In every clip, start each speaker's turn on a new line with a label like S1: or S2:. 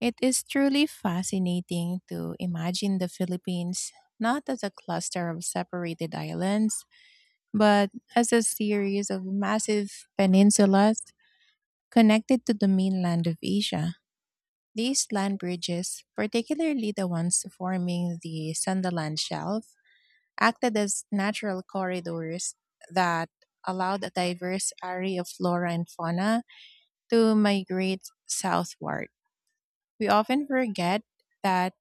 S1: It is truly fascinating to imagine the Philippines not as a cluster of separated islands, but as a series of massive peninsulas connected to the mainland of Asia. These land bridges, particularly the ones forming the Sundaland Shelf, acted as natural corridors that allowed a diverse array of flora and fauna to migrate southward. We often forget that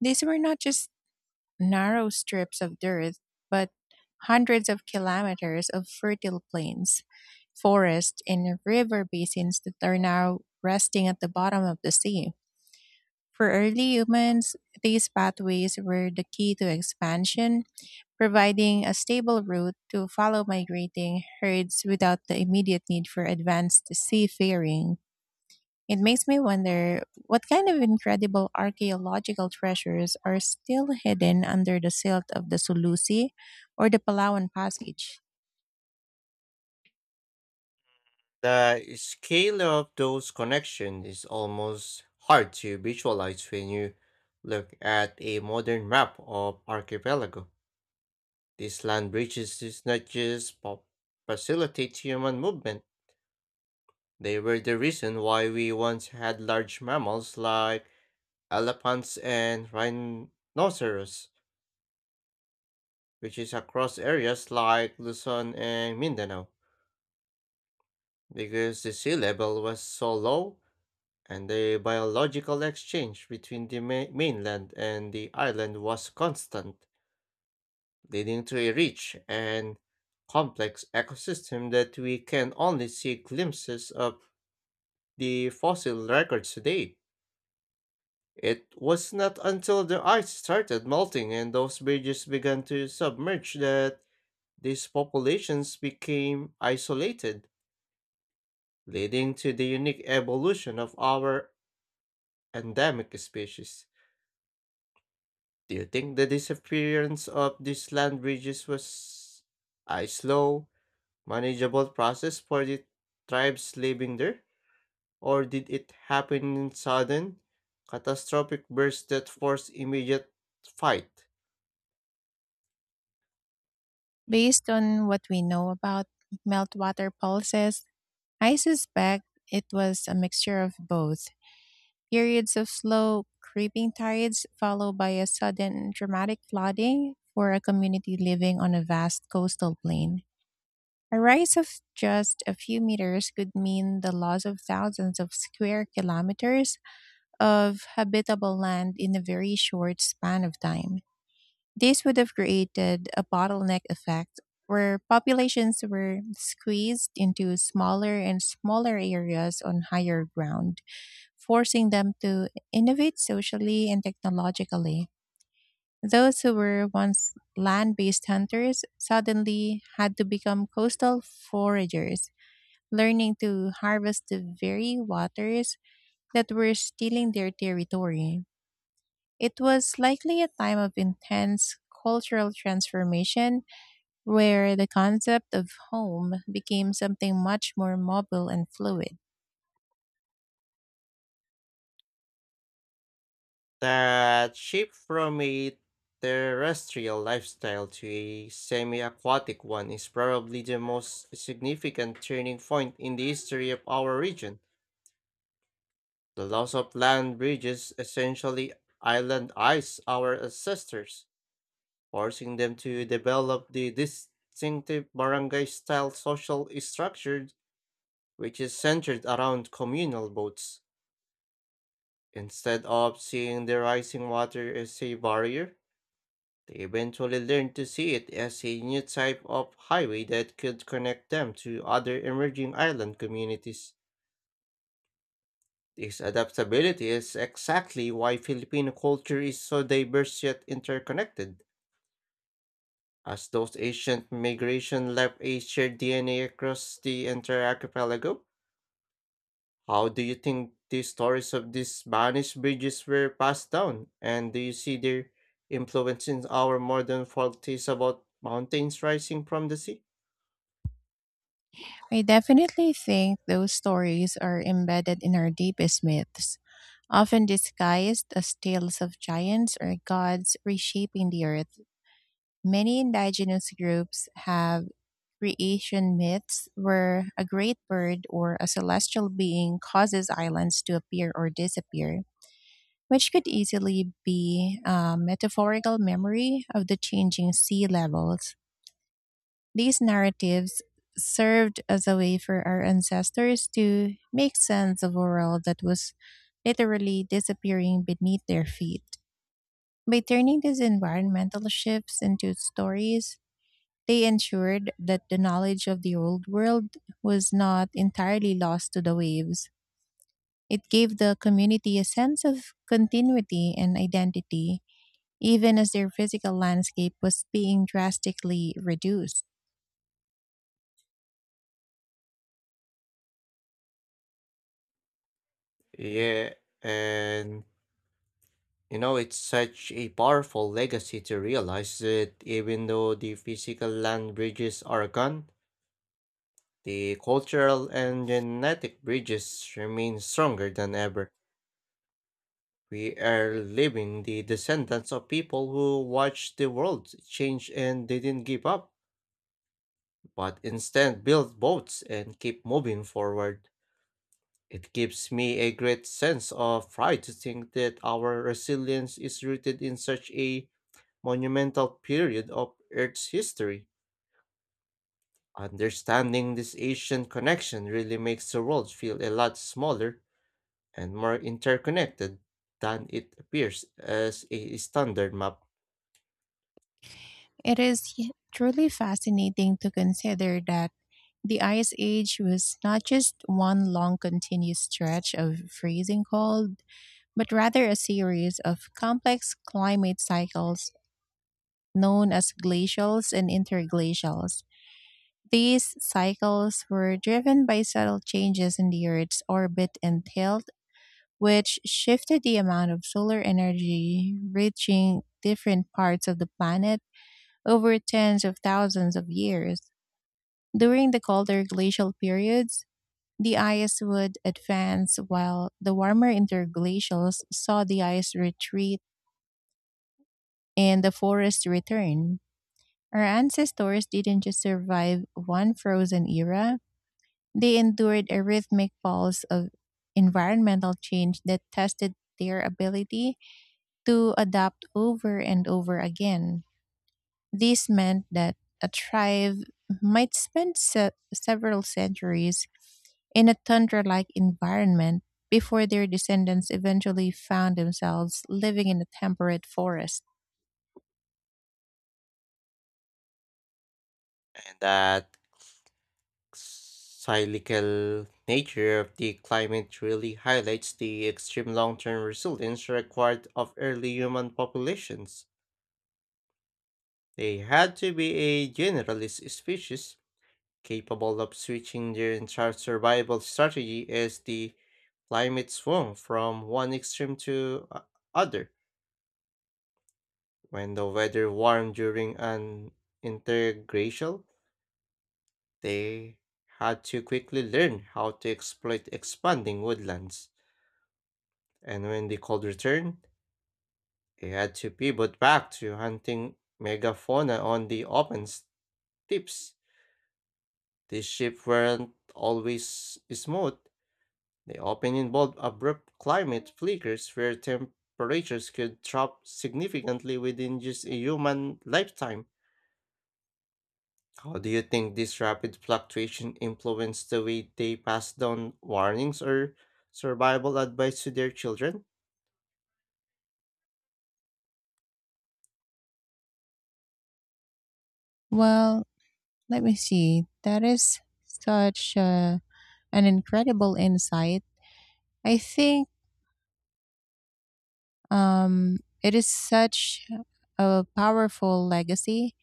S1: these were not just narrow strips of dirt, but hundreds of kilometers of fertile plains, forests, and river basins that are now resting at the bottom of the sea. For early humans, these pathways were the key to expansion, providing a stable route to follow migrating herds without the immediate need for advanced seafaring. It makes me wonder what kind of incredible archaeological treasures are still hidden under the silt of the Sulusi or the Palawan Passage.
S2: The scale of those connections is almost hard to visualize when you look at a modern map of archipelago. These land bridges did not just facilitate human movement. They were the reason why we once had large mammals like elephants and rhinoceros, which is across areas like Luzon and Mindanao. Because the sea level was so low, and the biological exchange between the mainland and the island was constant, leading to a rich and complex ecosystem that we can only see glimpses of the fossil records today. It was not until the ice started melting and those bridges began to submerge that these populations became isolated, leading to the unique evolution of our endemic species. Do you think the disappearance of these land bridges was a slow, manageable process for the tribes living there? Or did it happen in sudden, catastrophic bursts that forced immediate fight?
S1: Based on what we know about meltwater pulses, I suspect it was a mixture of both. Periods of slow, creeping tides followed by a sudden dramatic flooding for a community living on a vast coastal plain. A rise of just a few meters could mean the loss of thousands of square kilometers of habitable land in a very short span of time. This would have created a bottleneck effect where populations were squeezed into smaller and smaller areas on higher ground, forcing them to innovate socially and technologically. Those who were once land based hunters suddenly had to become coastal foragers learning to harvest the very waters that were stealing their territory. It was likely a time of intense cultural transformation where the concept of home became something much more mobile and fluid.
S2: That shift from a terrestrial lifestyle to a semi aquatic one is probably the most significant turning point in the history of our region. The loss of land bridges essentially island ice our ancestors, forcing them to develop the distinctive barangay style social structure which is centered around communal boats. Instead of seeing the rising water as a barrier, they eventually learned to see it as a new type of highway that could connect them to other emerging island communities. This adaptability is exactly why Filipino culture is so diverse yet interconnected, as those ancient migration left a shared DNA across the entire archipelago. How do you think the stories of these Spanish bridges were passed down, and do you see their influence in our modern folktales about mountains rising from the sea?
S1: I definitely think those stories are embedded in our deepest myths, often disguised as tales of giants or gods reshaping the earth. Many indigenous groups have creation myths where a great bird or a celestial being causes islands to appear or disappear, which could easily be a metaphorical memory of the changing sea levels. These narratives served as a way for our ancestors to make sense of a world that was literally disappearing beneath their feet. By turning these environmental shifts into stories, they ensured that the knowledge of the old world was not entirely lost to the waves. It gave the community a sense of continuity and identity, even as their physical landscape was being drastically reduced.
S2: Yeah, and it's such a powerful legacy to realize that even though the physical land bridges are gone, the cultural and genetic bridges remain stronger than ever. We are living the descendants of people who watched the world change and didn't give up, but instead built boats and keep moving forward. It gives me a great sense of pride to think that our resilience is rooted in such a monumental period of Earth's history. Understanding this ancient connection really makes the world feel a lot smaller and more interconnected than it appears as a standard map,
S1: It is truly fascinating to consider that the Ice Age was not just one long continuous stretch of freezing cold, but rather a series of complex climate cycles known as glacials and interglacials. These cycles were driven by subtle changes in the Earth's orbit and tilt, which shifted the amount of solar energy reaching different parts of the planet over tens of thousands of years. During the colder glacial periods, the ice would advance while the warmer interglacials saw the ice retreat and the forest return. Our ancestors didn't just survive one frozen era, they endured a rhythmic pulse of environmental change that tested their ability to adapt over and over again. This meant that a tribe might spend several centuries in a tundra like environment before their descendants eventually found themselves living in a temperate forest.
S2: and that cyclical nature of the climate really highlights the extreme long-term resilience required of early human populations. They had to be a generalist species capable of switching their entire survival strategy as the climate swung from one extreme to other. When the weather warmed during an interglacial, they had to quickly learn how to exploit expanding woodlands. And when the cold returned, they had to pivot back to hunting megafauna on the open steppes. These ships weren't always smooth. They often involve abrupt climate flickers where temperatures could drop significantly within just a human lifetime. How do you think this rapid fluctuation influenced the way they pass down warnings or survival advice to their children?
S1: Well, let me see. That is such an incredible insight. I think um, it is such a powerful legacy,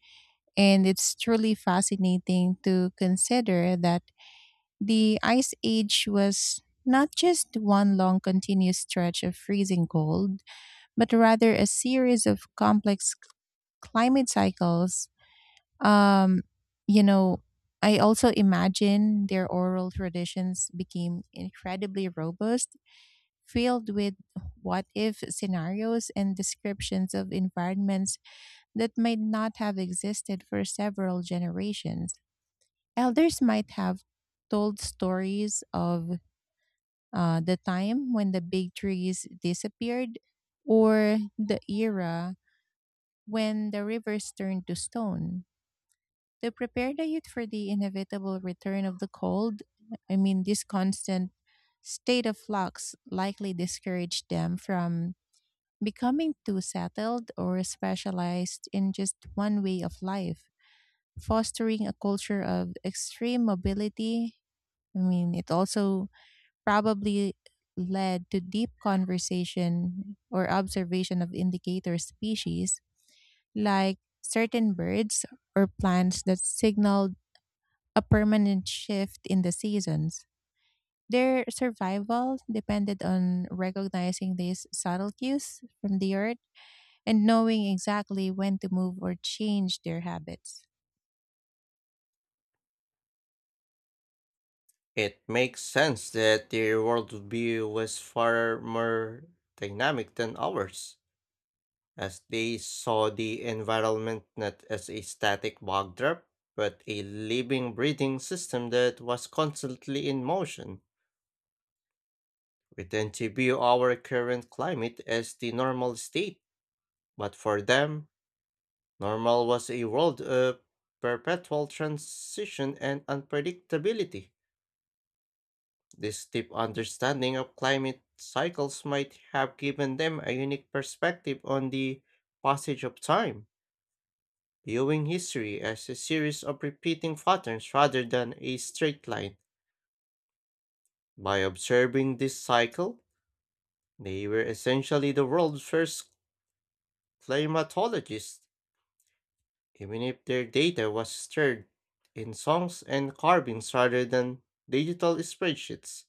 S1: and it's truly fascinating to consider that the Ice Age was not just one long continuous stretch of freezing cold, but rather a series of complex climate cycles. Um, you know, I also imagine their oral traditions became incredibly robust, filled with what if scenarios and descriptions of environments that might not have existed for several generations. Elders might have told stories of the time when the big trees disappeared, or the era when the rivers turned to stone, to prepare the youth for the inevitable return of the cold. I mean, this constant state of flux likely discouraged them from becoming too settled or specialized in just one way of life, fostering a culture of extreme mobility. I mean, it also probably led to deep conversation or observation of indicator species like certain birds or plants that signal a permanent shift in the seasons. Their survival depended on recognizing these subtle cues from the earth and knowing exactly when to move or change their habits.
S2: It makes sense that their worldview was far more dynamic than ours, as they saw the environment not as a static backdrop, but a living, breathing system that was constantly in motion. We tend to view our current climate as the normal state, but for them, normal was a world of perpetual transition and unpredictability. This deep understanding of climate cycles might have given them a unique perspective on the passage of time, viewing history as a series of repeating patterns rather than a straight line. By observing this cycle, they were essentially the world's first climatologists, even if their data was stored in songs and carvings rather than digital spreadsheets.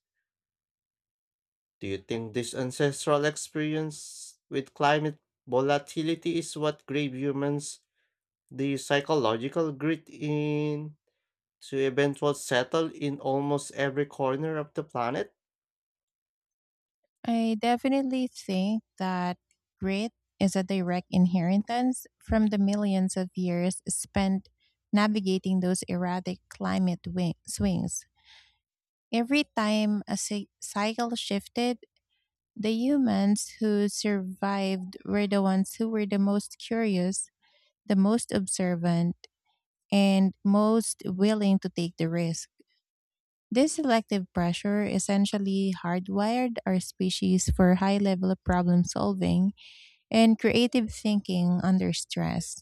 S2: Do you think this ancestral experience with climate volatility is what gave humans the psychological grit in to event was settled in almost every corner of the planet?
S1: I definitely think that grit is a direct inheritance from the millions of years spent navigating those erratic climate swings. Every time a cycle shifted, the humans who survived were the ones who were the most curious, the most observant, and most willing to take the risk. This selective pressure essentially hardwired our species for high level of problem solving and creative thinking under stress.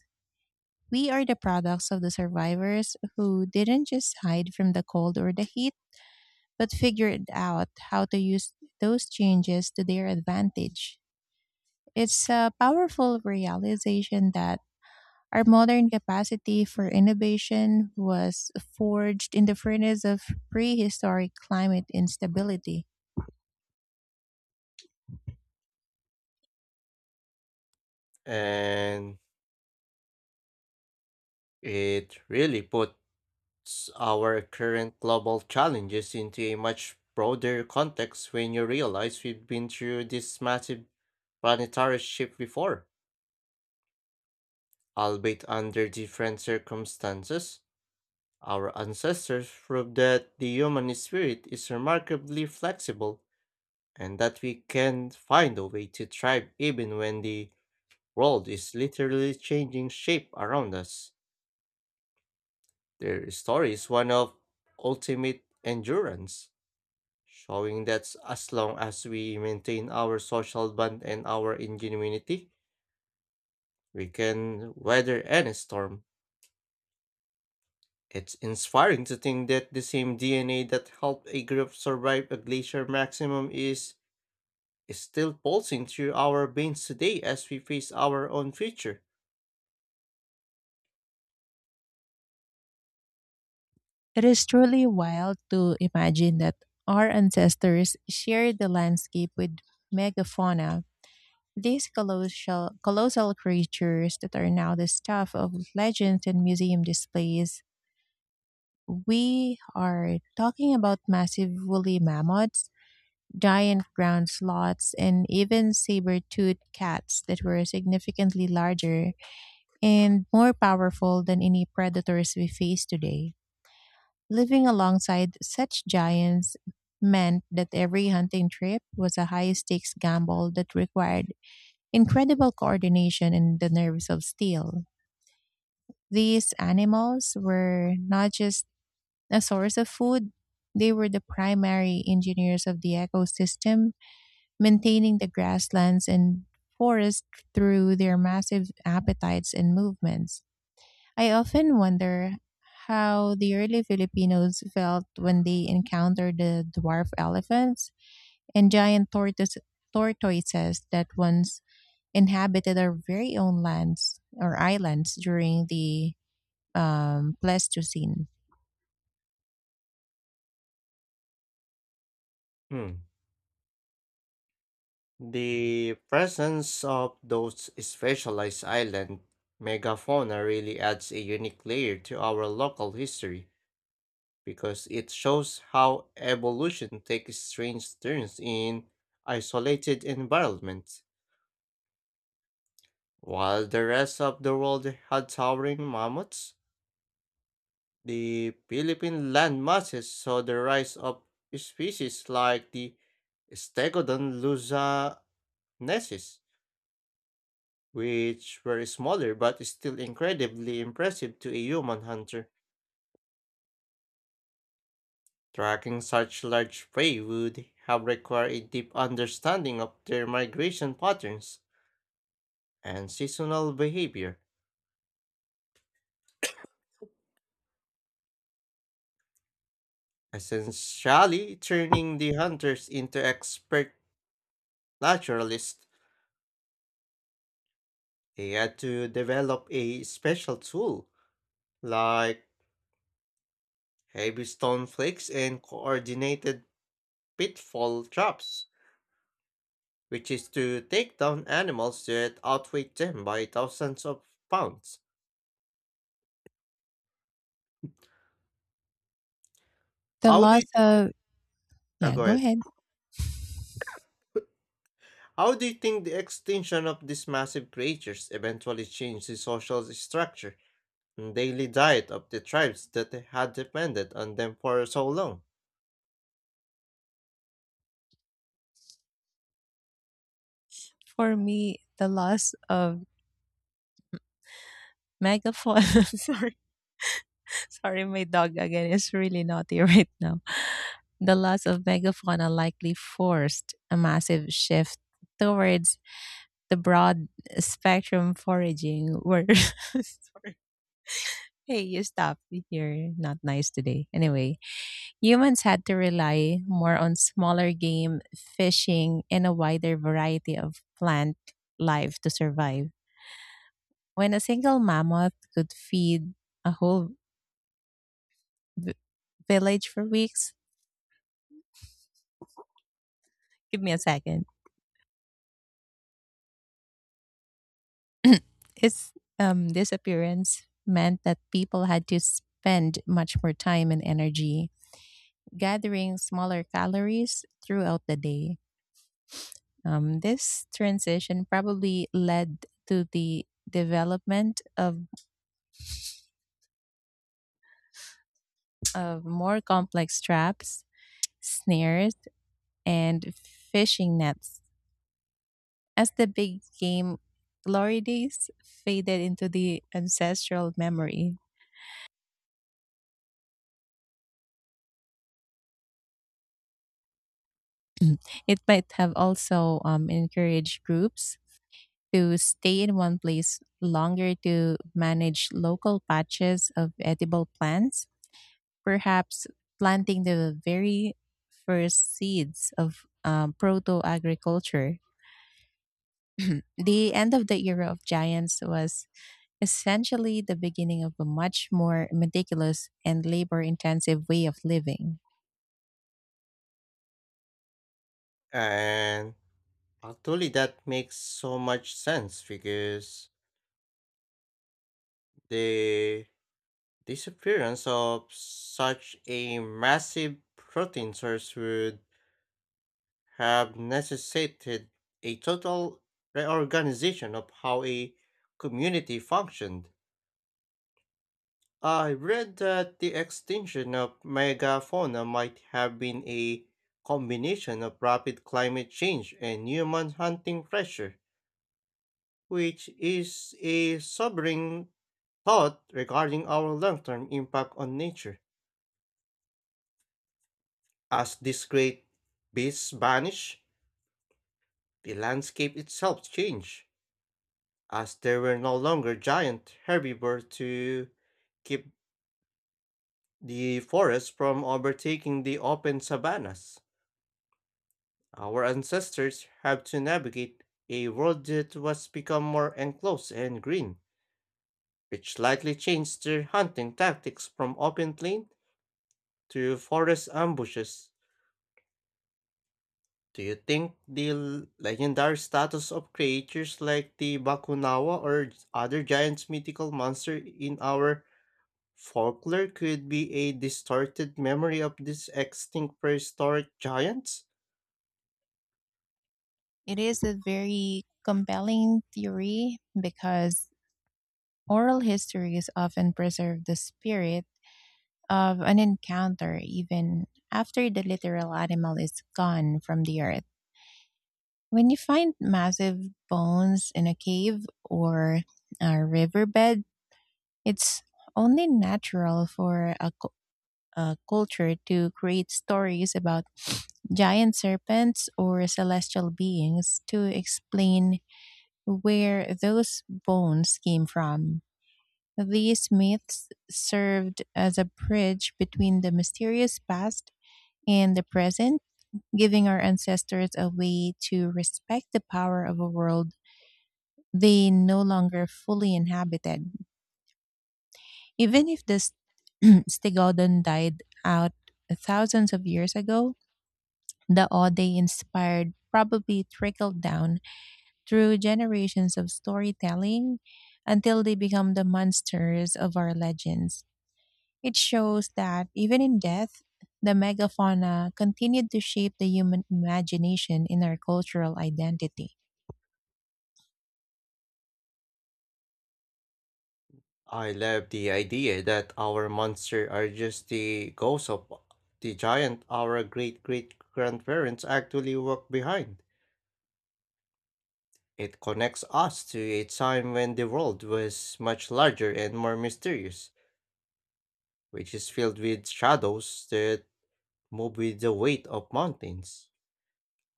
S1: We are the products of the survivors who didn't just hide from the cold or the heat, but figured out how to use those changes to their advantage. It's a powerful realization that our modern capacity for innovation was forged in the furnace of prehistoric climate instability.
S2: And it really puts our current global challenges into a much broader context when you realize we've been through this massive planetary shift before. Albeit under different circumstances, our ancestors proved that the human spirit is remarkably flexible and that we can find a way to thrive even when the world is literally changing shape around us. Their story is one of ultimate endurance, showing that as long as we maintain our social bond and our ingenuity, we can weather any storm. It's inspiring to think that the same DNA that helped a group survive a glacier maximum is still pulsing through our veins today as we face our own future.
S1: It is truly wild to imagine that our ancestors shared the landscape with megafauna, these colossal, colossal creatures that are now the stuff of legends and museum displays. We are talking about massive woolly mammoths, giant ground sloths, and even saber toothed cats that were significantly larger and more powerful than any predators we face today. Living alongside such giants meant that every hunting trip was a high stakes gamble that required incredible coordination and the nerves of steel. These animals were not just a source of food, they were the primary engineers of the ecosystem, maintaining the grasslands and forest through their massive appetites and movements. I often wonder how the early Filipinos felt when they encountered the dwarf elephants and giant tortoises that once inhabited our very own lands or islands during the Pleistocene.
S2: Hmm. The presence of those specialized island megafauna really adds a unique layer to our local history because it shows how evolution takes strange turns in isolated environments. While the rest of the world had towering mammoths, the Philippine land masses saw the rise of species like the Stegodon luzonensis, which were smaller but still incredibly impressive to a human hunter. Tracking such large prey would have required a deep understanding of their migration patterns and seasonal behavior, essentially turning the hunters into expert naturalists. They had to develop a special tool, like heavy stone flakes and coordinated pitfall traps which is to take down animals that outweigh them by thousands of pounds.
S1: The
S2: How do
S1: loss
S2: you th-
S1: of, yeah,
S2: Go
S1: go
S2: ahead?
S1: ahead.
S2: How do you think the extinction of these massive creatures eventually changed the social structure and daily diet of the tribes that had depended on them for so long?
S1: For me, the loss of megaphone. Sorry, sorry, my dog again is really naughty right now. The loss of megafauna likely forced a massive shift towards the broad spectrum foraging where, hey, you stop, you're not nice today, anyway, humans had to rely more on smaller game fishing and a wider variety of plant life to survive. When a single mammoth could feed a whole v- village for weeks, give me a second. Its disappearance meant that people had to spend much more time and energy gathering smaller calories throughout the day. This transition probably led to the development of more complex traps, snares, and fishing nets. As the big game glory days faded into the ancestral memory, it might have also encouraged groups to stay in one place longer to manage local patches of edible plants, perhaps planting the very first seeds of proto agriculture. The end of the era of giants was essentially the beginning of a much more meticulous and labor intensive way of living.
S2: And actually, that makes so much sense because the disappearance of such a massive protein source would have necessitated a total reorganization of how a community functioned. I read that the extinction of megafauna might have been a combination of rapid climate change and human hunting pressure, which is a sobering thought regarding our long term impact on nature. As these great beasts vanish, the landscape itself changes as there were no longer giant herbivores to keep the forests from overtaking the open savannas. Our ancestors had to navigate a world that was become more enclosed and green, which likely changed their hunting tactics from open plain to forest ambushes. Do you think the legendary status of creatures like the Bakunawa or other giant mythical monster in our folklore could be a distorted memory of these extinct prehistoric giants?
S1: It is a very compelling theory because oral histories often preserve the spirit of an encounter even after the literal animal is gone from the earth. When you find massive bones in a cave or a riverbed, it's only natural for a culture to create stories about giant serpents or celestial beings to explain where those bones came from. These myths served as a bridge between the mysterious past and the present, giving our ancestors a way to respect the power of a world they no longer fully inhabited. Even if the stegodon died out thousands of years ago, the awe they inspired probably trickled down through generations of storytelling until they become the monsters of our legends. It shows that even in death, the megafauna continued to shape the human imagination in our cultural identity.
S2: I love the idea that our monsters are just the ghosts of the giant our great great grandparents actually walked behind. It connects us to a time when the world was much larger and more mysterious, which is filled with shadows that move with the weight of mountains.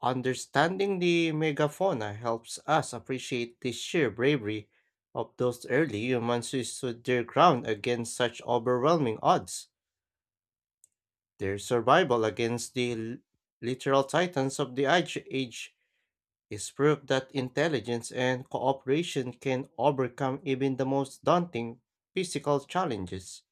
S2: Understanding the megafauna helps us appreciate the sheer bravery of those early humans who stood their ground against such overwhelming odds. Their survival against the literal titans of the Ice Age is proof that intelligence and cooperation can overcome even the most daunting physical challenges.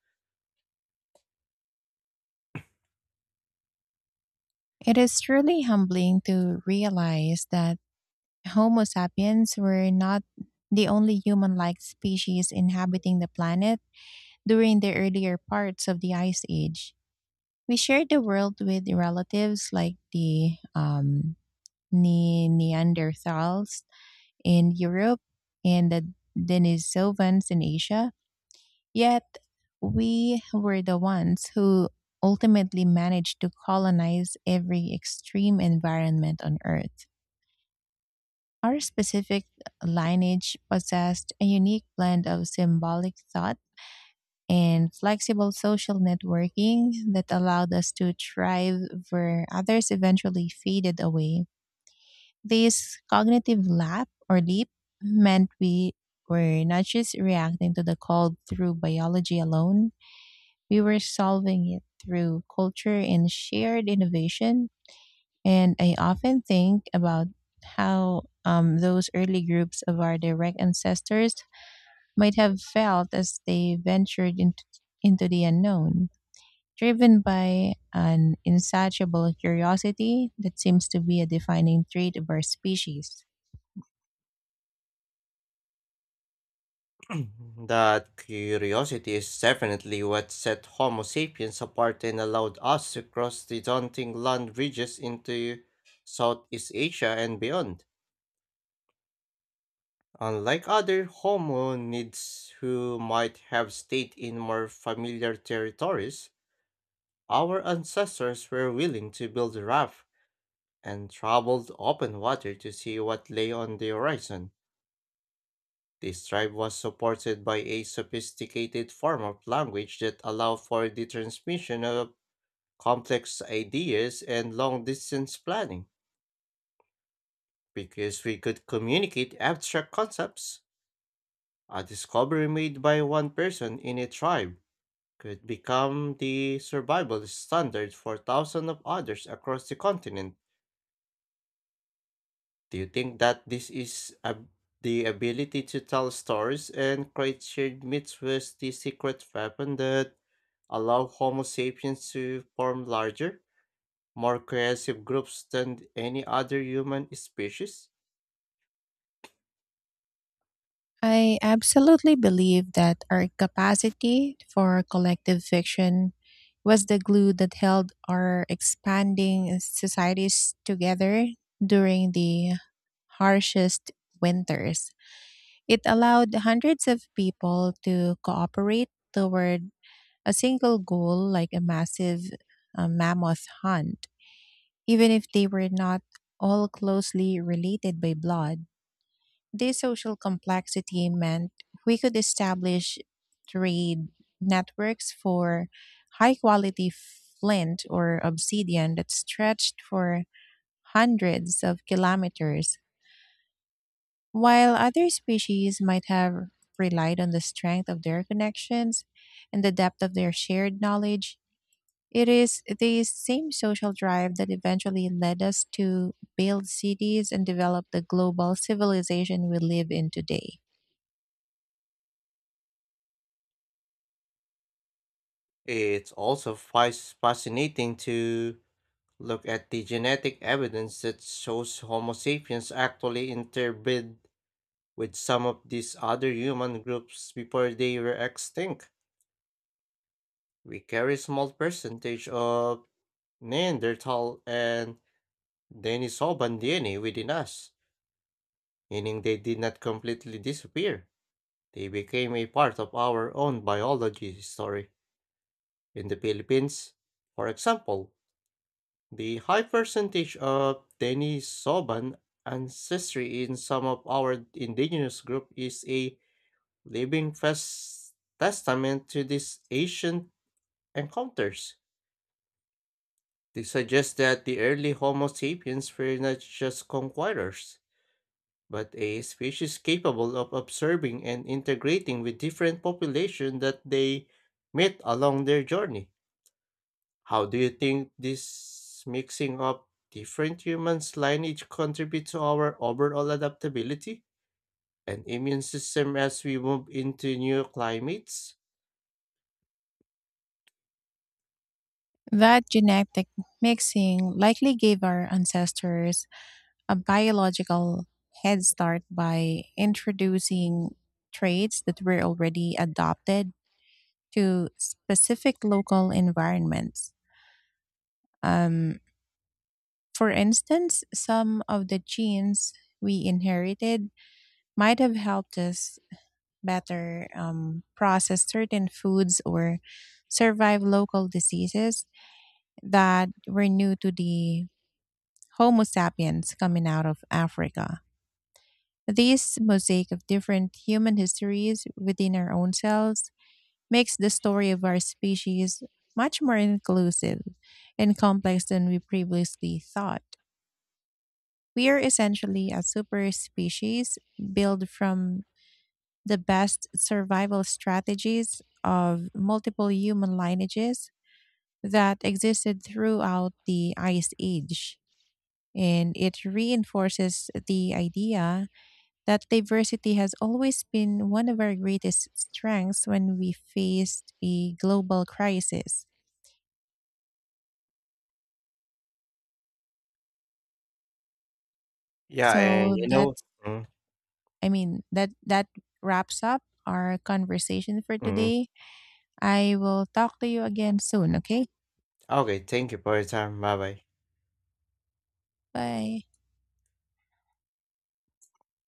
S1: It is truly humbling to realize that Homo sapiens were not the only human like species inhabiting the planet during the earlier parts of the Ice Age. We shared the world with relatives like the Neanderthals in Europe and the Denisovans in Asia, yet we were the ones who ultimately managed to colonize every extreme environment on Earth. Our specific lineage possessed a unique blend of symbolic thought and flexible social networking that allowed us to thrive where others eventually faded away. This cognitive lap or leap meant we were not just reacting to the call through biology alone, we were solving it through culture and shared innovation. And I often think about how those early groups of our direct ancestors might have felt as they ventured into the unknown, driven by an insatiable curiosity that seems to be a defining trait of our species.
S2: That curiosity is definitely what set Homo sapiens apart and allowed us to cross the daunting land bridges into Southeast Asia and beyond. Unlike other hominids who might have stayed in more familiar territories, our ancestors were willing to build a raft and traveled open water to see what lay on the horizon. This tribe was supported by a sophisticated form of language that allowed for the transmission of complex ideas and long distance planning. Because we could communicate abstract concepts, a discovery made by one person in a tribe could become the survival standard for thousands of others across the continent. Do you think that the ability to tell stories and create shared myths was the secret weapon that allowed Homo sapiens to form larger, more cohesive groups than any other human species?
S1: I absolutely believe that our capacity for collective fiction was the glue that held our expanding societies together during the harshest winters. It allowed hundreds of people to cooperate toward a single goal, like a massive mammoth hunt, even if they were not all closely related by blood. This social complexity meant we could establish trade networks for high quality flint or obsidian that stretched for hundreds of kilometers. While other species might have relied on the strength of their connections and the depth of their shared knowledge, it is this same social drive that eventually led us to build cities and develop the global civilization we live in today.
S2: It's also fascinating to look at the genetic evidence that shows Homo sapiens actually interbred with some of these other human groups before they were extinct. We carry a small percentage of Neanderthal and Denisovan DNA within us, meaning they did not completely disappear. They became a part of our own biology story. In the Philippines, for example, the high percentage of Denisovan ancestry in some of our indigenous group is a living testament to these ancient encounters. They suggest that the early Homo sapiens were not just conquerors, but a species capable of observing and integrating with different populations that they met along their journey. How do you think this mixing up different humans' lineage contributes to our overall adaptability and immune system as we move into new climates?
S1: That genetic mixing likely gave our ancestors a biological head start by introducing traits that were already adopted to specific local environments. Um, for instance, some of the genes we inherited might have helped us better process certain foods or survive local diseases that were new to the Homo sapiens coming out of Africa. This mosaic of different human histories within our own cells makes the story of our species much more inclusive and complex than we previously thought. We are essentially a super species built from the best survival strategies of multiple human lineages that existed throughout the Ice Age. And it reinforces the idea that diversity has always been one of our greatest strengths when we faced a global crisis.
S2: Yeah, and
S1: So that's
S2: mm,
S1: I mean that wraps up our conversation for
S2: mm.
S1: today. I will talk to you again soon, okay?
S2: Okay, thank you for your time. Bye bye.
S1: Bye.